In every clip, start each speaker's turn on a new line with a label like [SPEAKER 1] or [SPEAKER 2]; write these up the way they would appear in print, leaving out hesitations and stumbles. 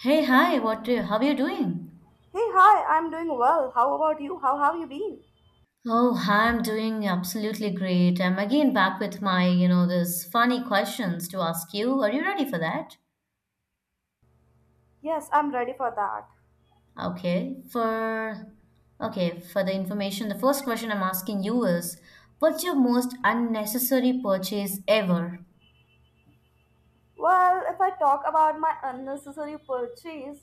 [SPEAKER 1] Hey, hi, what do how are you doing?
[SPEAKER 2] Hey, hi, I'm doing well. How about you? How have you been?
[SPEAKER 1] Oh, hi, I'm doing absolutely great. I'm again back with my, you know, those funny questions to ask you. Are you ready for that?
[SPEAKER 2] Yes, I'm ready for that.
[SPEAKER 1] Okay. For okay, for the information, the first question I'm asking you is, what's your most unnecessary purchase ever?
[SPEAKER 2] Well, if I talk about my unnecessary purchase,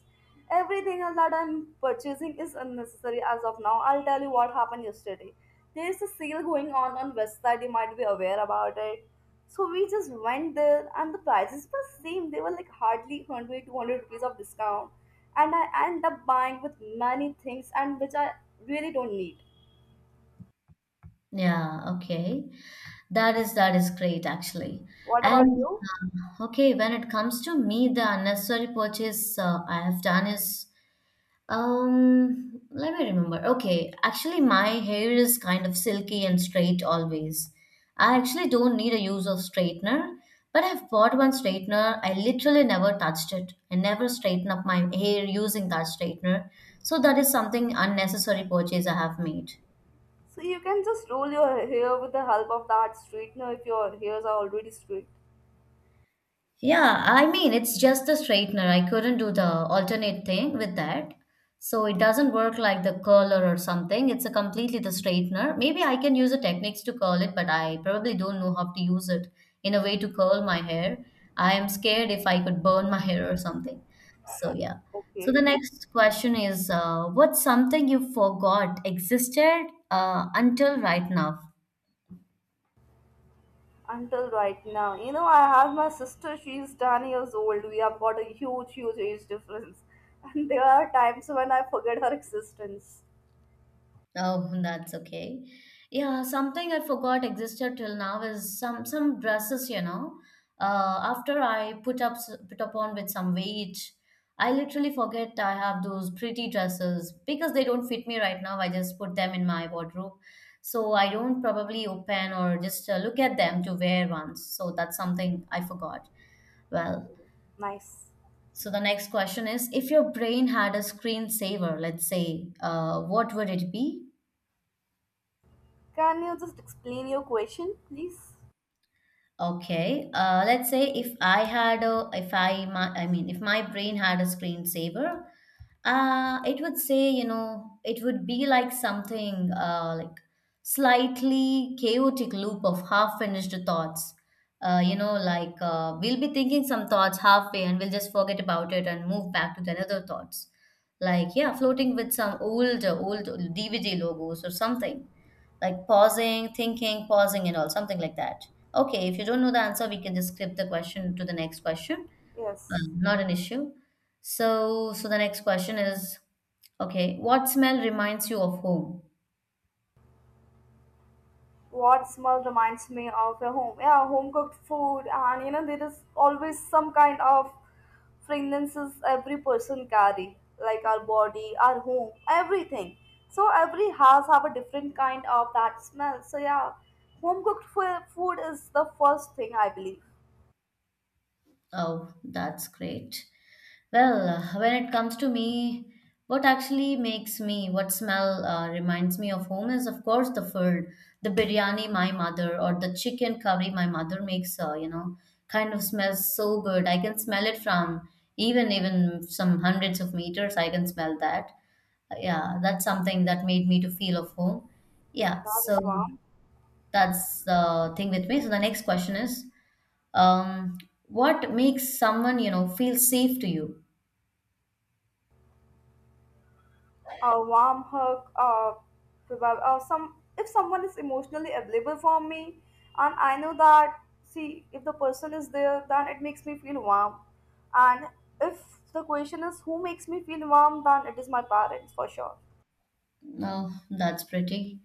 [SPEAKER 2] everything else that I'm purchasing is unnecessary as of now. I'll tell you what happened yesterday. There's a sale going on West Side, you might be aware about it. So we just went there and the prices were same. They were like hardly 100, 200 rupees of discount. And I end up buying with many things and which I really don't need.
[SPEAKER 1] Yeah, okay. That is great actually.
[SPEAKER 2] What about you?
[SPEAKER 1] When it comes to me, the unnecessary purchase I have done is let me remember. Okay, actually, my hair is kind of silky and straight always. I actually don't need a use of straightener, but I've bought one straightener. I literally never touched it. I never straighten up my hair using that straightener. So that is something unnecessary purchase I have made.
[SPEAKER 2] So you can just roll your hair with the help of that straightener if your hairs are already straight.
[SPEAKER 1] Yeah, I mean, it's just the straightener. I couldn't do the alternate thing with that. So it doesn't work like the curler or something. It's a completely the straightener. Maybe I can use the techniques to curl it, but I probably don't know how to use it in a way to curl my hair. I am scared if I could burn my hair or something. So yeah. So the
[SPEAKER 2] Okay.
[SPEAKER 1] next question is, what's something you forgot existed until right now?
[SPEAKER 2] Until right now. You know, I have my sister, she's 10 years old. We have got a huge, huge age difference. And there are times when I forget her existence.
[SPEAKER 1] Oh, that's okay. Yeah, something I forgot existed till now is some dresses, you know. After I put upon with some weight, I literally forget I have those pretty dresses because they don't fit me right now. I just put them in my wardrobe, so I don't probably open or just look at them to wear once. So that's something I forgot. Well,
[SPEAKER 2] Nice.
[SPEAKER 1] so the next question is, if your brain had a screensaver, let's say, what would it be?
[SPEAKER 2] Can you just explain your question, please?
[SPEAKER 1] Okay, let's say if I had a, if I, my, I mean, if my brain had a screensaver, it would say, you know, it would be like something like slightly chaotic loop of half-finished thoughts. You know, like we'll be thinking some thoughts halfway and we'll just forget about it and move back to the other thoughts. Like, yeah, floating with some old, old DVD logos or something. Like pausing, thinking, pausing, and all, something like that. Okay, if you don't know the answer, we can just skip the question to the next question.
[SPEAKER 2] Yes.
[SPEAKER 1] Not an issue. So the next question is, okay, what smell reminds you of home?
[SPEAKER 2] What smell reminds me of a home? Yeah, home cooked food. And you know, there is always some kind of fragrances every person carry, like our body, our home, everything. So every house have a different kind of that smell. So yeah, home cooked food is the first thing I believe.
[SPEAKER 1] Oh, that's great. Well, when it comes to me, what smell reminds me of home is, of course, the food, the biryani my mother, or the chicken curry my mother makes. You know, kind of smells so good. I can smell it from even some hundreds of meters. I can smell that. Yeah, that's something that made me to feel of home. Yeah,
[SPEAKER 2] That
[SPEAKER 1] so
[SPEAKER 2] is one.
[SPEAKER 1] that's the thing with me. So the next question is. Um, what makes someone, you know, feel safe to you?
[SPEAKER 2] A warm hug, or or some, if someone is emotionally available for me, and I know that. See, if the person is there, then it makes me feel warm. And if the question is who makes me feel warm, then it is my parents for sure.
[SPEAKER 1] Oh, that's pretty.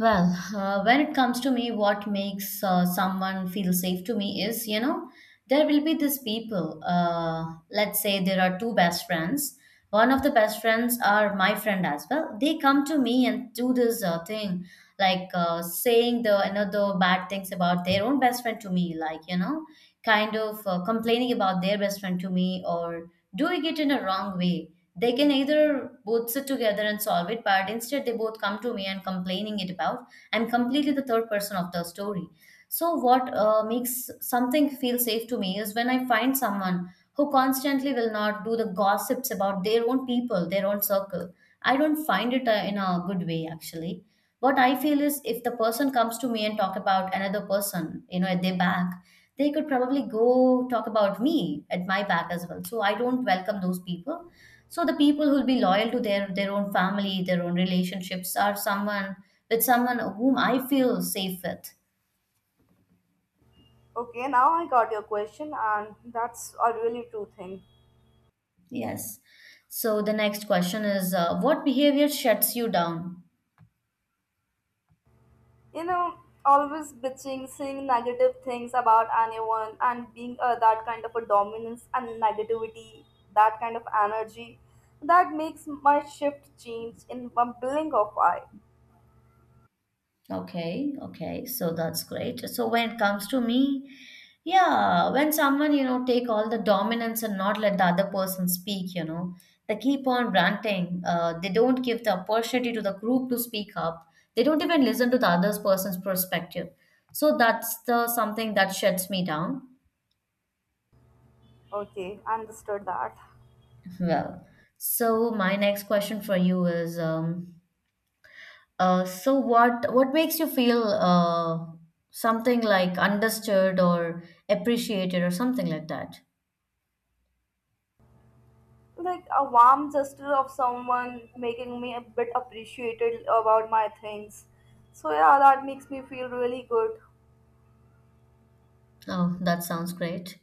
[SPEAKER 1] Well, when it comes to me, what makes someone feel safe to me is, you know, there will be these people. Let's say there are two best friends. One of the best friends are my friend as well. They come to me and do this thing, like saying the another bad things about their own best friend to me, like, you know, kind of complaining about their best friend to me or doing it in a wrong way. They can either both sit together and solve it, but instead they both come to me and complaining it about. I'm completely the third person of the story. So what makes something feel safe to me is when I find someone who constantly will not do the gossips about their own people, their own circle. I don't find it in a good way actually. What I feel is if the person comes to me and talk about another person, you know, at their back, they could probably go talk about me at my back as well, so I don't welcome those people. So the people who'll be loyal to their own family, their own relationships are someone with someone whom I feel safe with.
[SPEAKER 2] Okay, now I got your question, and that's a really true thing.
[SPEAKER 1] Yes. So the next question is, what behavior shuts you down?
[SPEAKER 2] You know, always bitching, saying negative things about anyone, and being that kind of a dominance and negativity, that kind of energy, that makes my shift change in one blink of eye.
[SPEAKER 1] Okay, okay. So that's great. So when it comes to me, yeah, when someone, you know, take all the dominance and not let the other person speak, you know, they keep on ranting. They don't give the opportunity to the group to speak up. They don't even listen to the other person's perspective. So that's the something that shuts me down.
[SPEAKER 2] Okay, understood that.
[SPEAKER 1] Well, so my next question for you is, so what makes you feel something like understood or appreciated or something like that?
[SPEAKER 2] Like a warm gesture of someone making me a bit appreciated about my things. So yeah, that makes me feel really good.
[SPEAKER 1] Oh, that sounds great.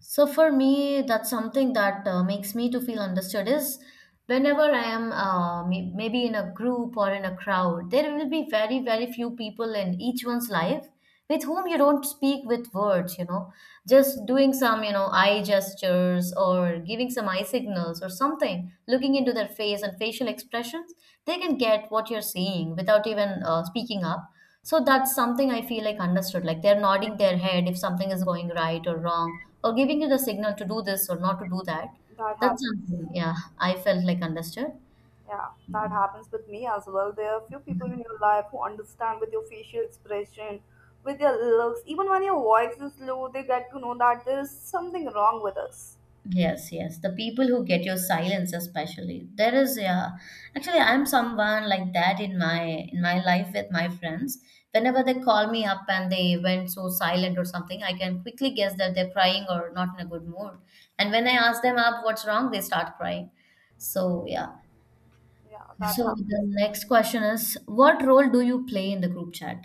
[SPEAKER 1] So for me, that's something that makes me to feel understood is whenever I am maybe in a group or in a crowd, there will be very, very few people in each one's life with whom you don't speak with words, you know, just doing some, you know, eye gestures or giving some eye signals or something, looking into their face and facial expressions, they can get what you're saying without even speaking up. So that's something I feel like understood. Like they're nodding their head if something is going right or wrong, or giving you the signal to do this or not to do that.
[SPEAKER 2] That
[SPEAKER 1] That's
[SPEAKER 2] happens.
[SPEAKER 1] something, yeah, I felt like understood.
[SPEAKER 2] Yeah, that happens with me as well. There are few people in your life who understand with your facial expression, with your looks, even when your voice is low, they get to know that there is something wrong with us.
[SPEAKER 1] Yes, yes. The people who get your silence especially. There is yeah. Actually, I'm someone like that in my life with my friends. Whenever they call me up and they went so silent or something, I can quickly guess that they're crying or not in a good mood. And when I ask them up what's wrong, they start crying. So yeah.
[SPEAKER 2] Yeah, that
[SPEAKER 1] So
[SPEAKER 2] happens.
[SPEAKER 1] the next question is, what role do you play in the group chat?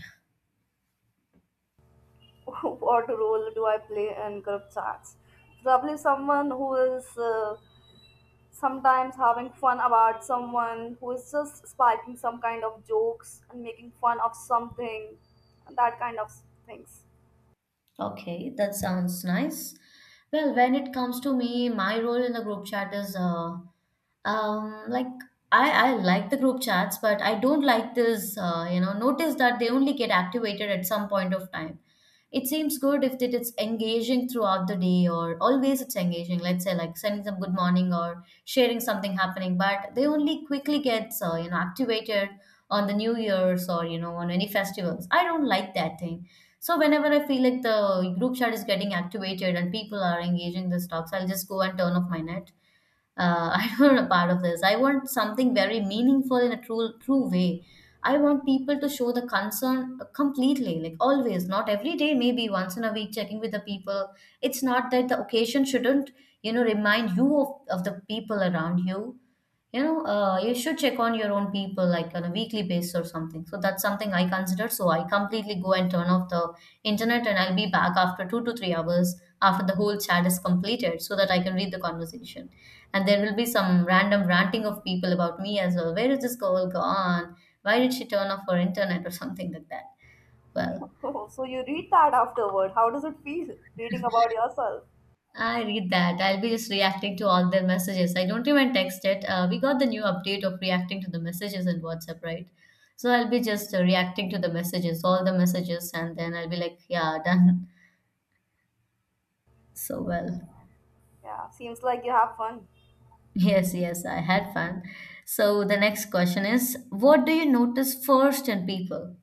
[SPEAKER 2] What role do I play in group chats? Probably someone who is sometimes having fun about someone, who is just spiking some kind of jokes and making fun of something, and that kind of things.
[SPEAKER 1] Okay, that sounds nice. Well, when it comes to me, my role in the group chat is like I like the group chats, but I don't like this, you know, notice that they only get activated at some point of time. It seems good if it's engaging throughout the day or always it's engaging, let's say like sending some good morning or sharing something happening, but they only quickly gets, you know, activated on the New Year's or, you know, on any festivals. I don't like that thing. So whenever I feel like the group chat is getting activated and people are engaging the stocks, I'll just go and turn off my net. I don't want a part of this. I want something very meaningful in a true way. I want people to show the concern completely, like always, not every day, maybe once in a week, checking with the people. It's not that the occasion shouldn't, you know, remind you of the people around you. You know, you should check on your own people like on a weekly basis or something. So that's something I consider. So I completely go and turn off the internet and I'll be back after 2 to 3 hours after the whole chat is completed so that I can read the conversation, and there will be some random ranting of people about me as well. Where is this girl gone? Why did she turn off her internet or something like that? Well,
[SPEAKER 2] Oh, so you read that afterward. How does it feel reading about yourself?
[SPEAKER 1] I read that. I'll be just reacting to all their messages. I don't even text it. We got the new update of reacting to the messages in WhatsApp, right? So I'll be just reacting to the messages, all the messages, and then I'll be like, yeah, done. So well,
[SPEAKER 2] Yeah, seems like you have fun.
[SPEAKER 1] yes, yes, I had fun. So the next question is, what do you notice first in people?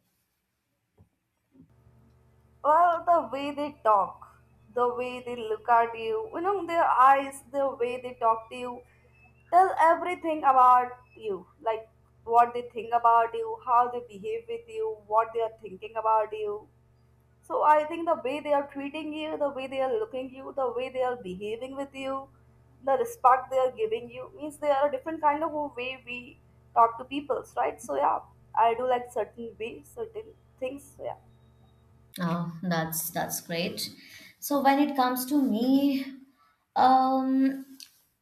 [SPEAKER 2] Well, the way they talk, the way they look at you, you know, their eyes, the way they talk to you, tell everything about you. Like what they think about you, how they behave with you, what they are thinking about you. So I think the way they are treating you, the way they are looking you, the way they are behaving with you, the respect they are giving you, means they are a different kind of a way we talk to people, right? So yeah, I do like certain way, certain things. So yeah,
[SPEAKER 1] Oh, that's great. So when it comes to me, um,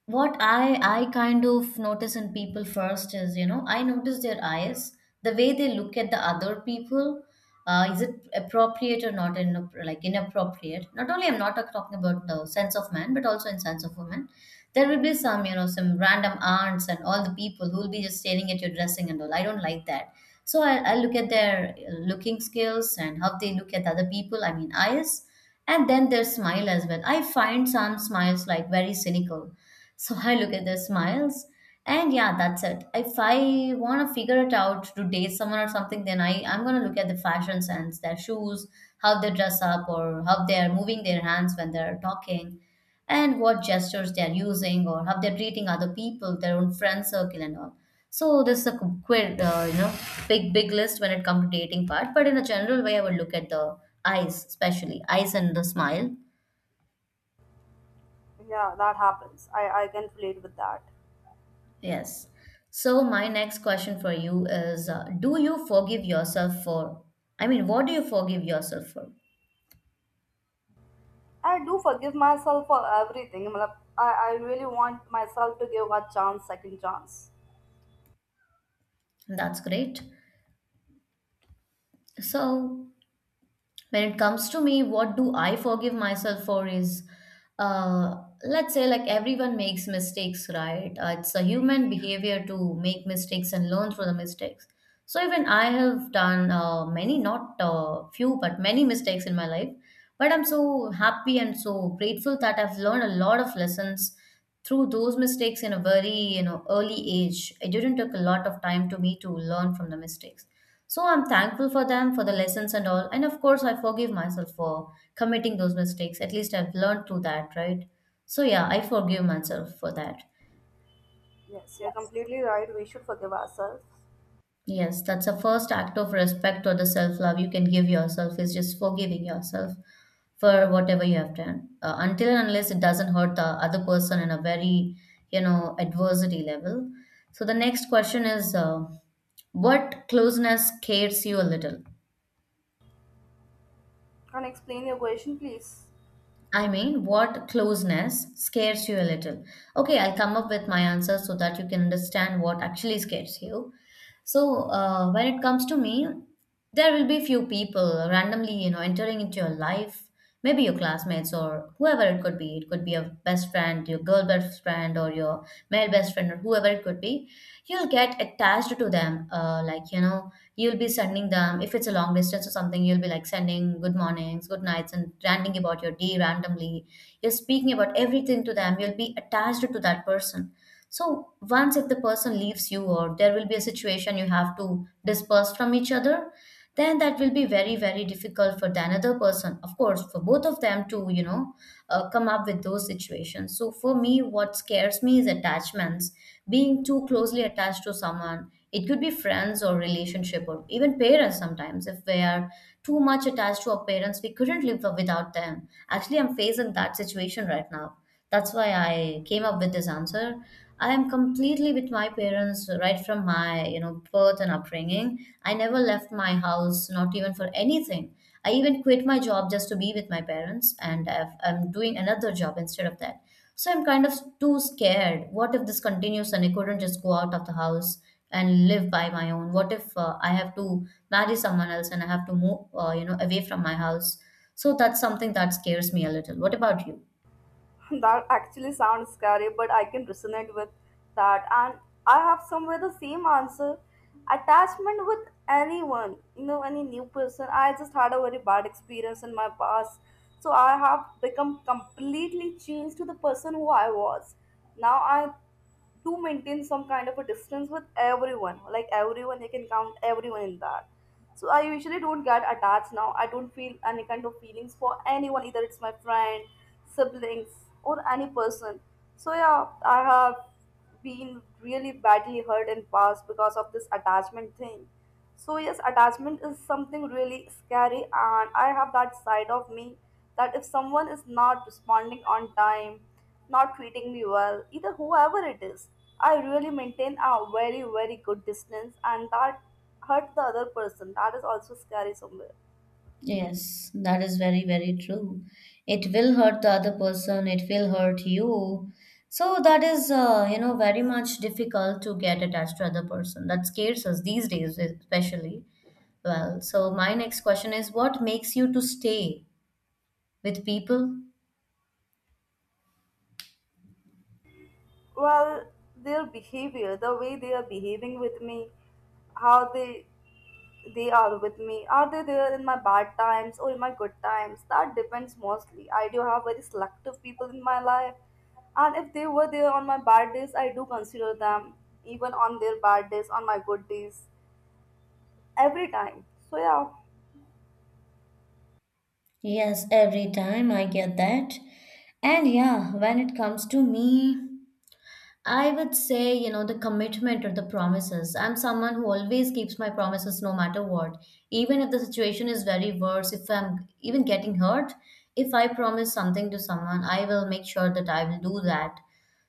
[SPEAKER 1] what I kind of notice in people first is, you know, I notice their eyes, the way they look at the other people. Is it appropriate or not? Like inappropriate. Not only I'm not talking about the sense of man, but also in sense of woman. There will be some, you know, some random aunts and all the people who will be just staring at your dressing and all. I don't like that. So I look at their looking skills and how they look at other people, I mean, eyes, and then their smile as well. I find some smiles like very cynical. So I look at their smiles, and yeah, that's it. If I want to figure it out to date someone or something, then I'm going to look at the fashion sense, their shoes, how they dress up, or how they are moving their hands when they're talking and what gestures they're using or how they're treating other people, their own friend circle and all. So this is a quite big list when it comes to dating part. But in a general way, I would look at the eyes, especially eyes and the smile.
[SPEAKER 2] yeah, that happens. I can relate with that.
[SPEAKER 1] Yes. So my next question for you is: do you forgive yourself for? I mean, what do you forgive yourself for?
[SPEAKER 2] I do forgive myself for everything. मतलब, I really want myself to give a chance, second chance.
[SPEAKER 1] That's great. So when it comes to me, what do I forgive myself for is, uh let's say, like, everyone makes mistakes, right? It's a human behavior to make mistakes and learn through the mistakes. So even I have done, many, not few but many, mistakes in my life. But I'm so happy and so grateful that I've learned a lot of lessons through those mistakes in a very, you know, early age. It didn't take a lot of time to me to learn from the mistakes. So I'm thankful for them, for the lessons and all. And of course I forgive myself for committing those mistakes. At least I've learned through that, right? So yeah, I forgive myself for that.
[SPEAKER 2] Yes, you're completely right. We should forgive ourselves.
[SPEAKER 1] Yes, that's a first act of respect or the self love you can give yourself is just forgiving yourself for whatever you have done. Until and unless it doesn't hurt the other person in a very, you know, adversity level. So the next question is, what closeness scares you a little?
[SPEAKER 2] Can I explain your question, please?
[SPEAKER 1] I mean, what closeness scares you a little? Okay, I'll come up with my answer so that you can understand what actually scares you. So, when it comes to me, there will be few people randomly, you know, entering into your life, maybe your classmates or whoever it could be. It could be your best friend, your girl best friend, or your male best friend, or whoever it could be, you'll get attached to them, like, you know, you'll be sending them, if it's a long distance or something, you'll be like sending good mornings, good nights, and ranting about your day randomly. You're speaking about everything to them. You'll be attached to that person. So once if the person leaves you or there will be a situation you have to disperse from each other, then that will be very very difficult for the another person, of course for both of them, to, you know, come up with those situations. So for me, what scares me is attachments, being too closely attached to someone. It could be friends or relationship or even parents sometimes. If we are too much attached to our parents, we couldn't live without them. Actually, I'm facing that situation right now. That's why I came up with this answer. I am completely with my parents right from my, you know, birth and upbringing. I never left my house, not even for anything. I even quit my job just to be with my parents, and I'm doing another job instead of that. So I'm kind of too scared. What if this continues and I couldn't just go out of the house and live by my own? What if I have to marry someone else and I have to move, you know, away from my house? So that's something that scares me a little. What about you?
[SPEAKER 2] That actually sounds scary, but I can resonate with that. And I have somewhere the same answer. Attachment with anyone, you know, any new person. I just had a very bad experience in my past. So I have become completely changed to the person who I was. Now I to maintain some kind of a distance with everyone, like everyone, I can count everyone in that. So I usually don't get attached now. I don't feel any kind of feelings for anyone, either it's my friend, siblings, or any person. So yeah, I have been really badly hurt in past because of this attachment thing. So yes, attachment is something really scary, and I have that side of me that if someone is not responding on time, not treating me well, either whoever it is, I really maintain a very, very good distance, and that hurt the other person. That is also scary somewhere.
[SPEAKER 1] Yes, that is very, very true. It will hurt the other person, it will hurt you. So that is, you know, very much difficult to get attached to other person. That scares us these days, especially. Well, so my next question is, what makes you to stay with people?
[SPEAKER 2] Well, their behavior, the way they are behaving with me, how they are with me, are they there in my bad times or in my good times, that depends. Mostly I do have very selective people in my life, and if they were there on my bad days, I do consider them even on their bad days, on my good days, every time. So yeah.
[SPEAKER 1] Yes, every time I get that. And yeah, when it comes to me, I would say, you know, the commitment or the promises. I'm someone who always keeps my promises no matter what. Even if the situation is very worse, if I'm even getting hurt, if I promise something to someone, I will make sure that I will do that.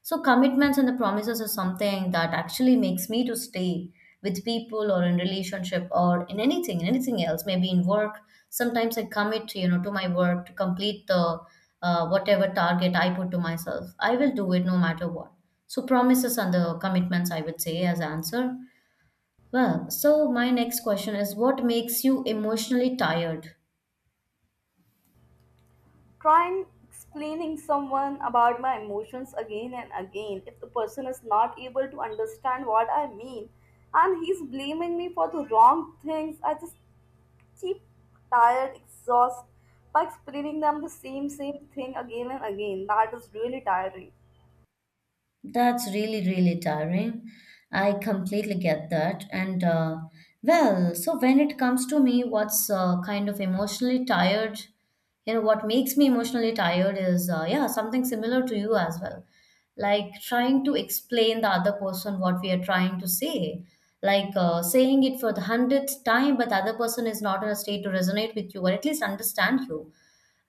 [SPEAKER 1] So commitments and the promises are something that actually makes me to stay with people or in relationship or in anything else, maybe in work. Sometimes I commit, you know, to my work to complete the, whatever target I put to myself. I will do it no matter what. So promises and the commitments, I would say as answer. Well, so my next question is, what makes you emotionally tired?
[SPEAKER 2] Trying explaining someone about my emotions again and again, if the person is not able to understand what I mean, and he's blaming me for the wrong things, I just keep tired, exhausted, by explaining them the same thing again and again. That is really tiring.
[SPEAKER 1] That's really, really tiring. I completely get that. And, well, so when it comes to me, what's, kind of emotionally tired, you know, what makes me emotionally tired is, yeah, something similar to you as well. Like trying to explain the other person what we are trying to say. Like saying it for the hundredth time, but the other person is not in a state to resonate with you or at least understand you,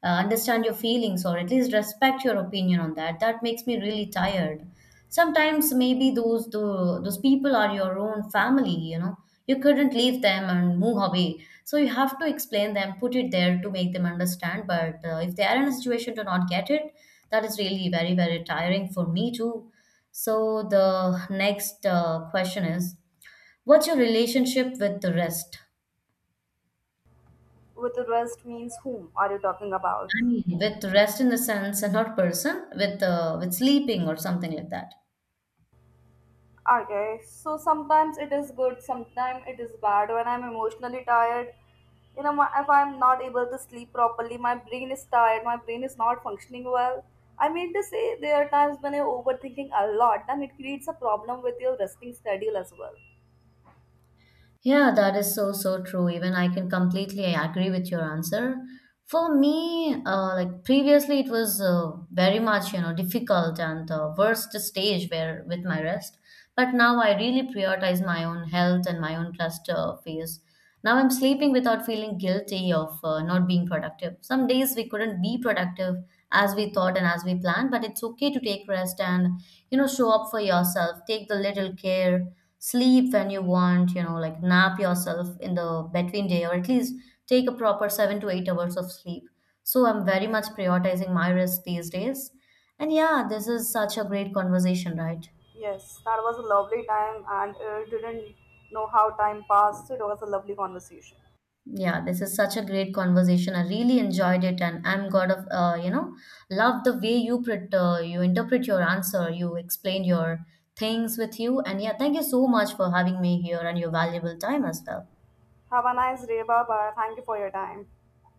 [SPEAKER 1] understand your feelings or at least respect your opinion on that. That makes me really tired sometimes. Maybe those people are your own family, you know, you couldn't leave them and move away. So you have to explain them, put it there to make them understand. But if they are in a situation to not get it, that is really very very tiring for me too. So the next, question is, what's your relationship with the rest?
[SPEAKER 2] With the rest means, whom are you talking about?
[SPEAKER 1] With rest in the sense, and not person, with sleeping or something like that.
[SPEAKER 2] Okay, so sometimes it is good, sometimes it is bad. When I'm emotionally tired, you know, my, if I'm not able to sleep properly, my brain is tired, my brain is not functioning well. I mean to say, there are times when you're overthinking a lot, then it creates a problem with your resting schedule as well.
[SPEAKER 1] Yeah, that is so, so true. Even I can completely agree with your answer. For me, like, previously it was, very much, you know, difficult and the worst stage where with my rest. But now I really prioritize my own health and my own rest, phase. Now I'm sleeping without feeling guilty of, not being productive. Some days we couldn't be productive as we thought and as we planned, but it's okay to take rest and, you know, show up for yourself. Take the little care, sleep when you want, you know, like nap yourself in the between day or at least take a proper 7 to 8 hours of sleep. So I'm very much prioritizing my rest these days. And yeah, this is such a great conversation, right?
[SPEAKER 2] Yes, that was a lovely time, and didn't know how time passed. It was a lovely conversation.
[SPEAKER 1] Yeah, this is such a great conversation. I really enjoyed it, and I'm God of, you know, love the way you interpret your answer. You explain your things with you, and yeah, thank you so much for having me here and your valuable time as well.
[SPEAKER 2] Have a nice day, bye bye. Thank you for your time.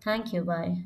[SPEAKER 1] Thank you. Bye.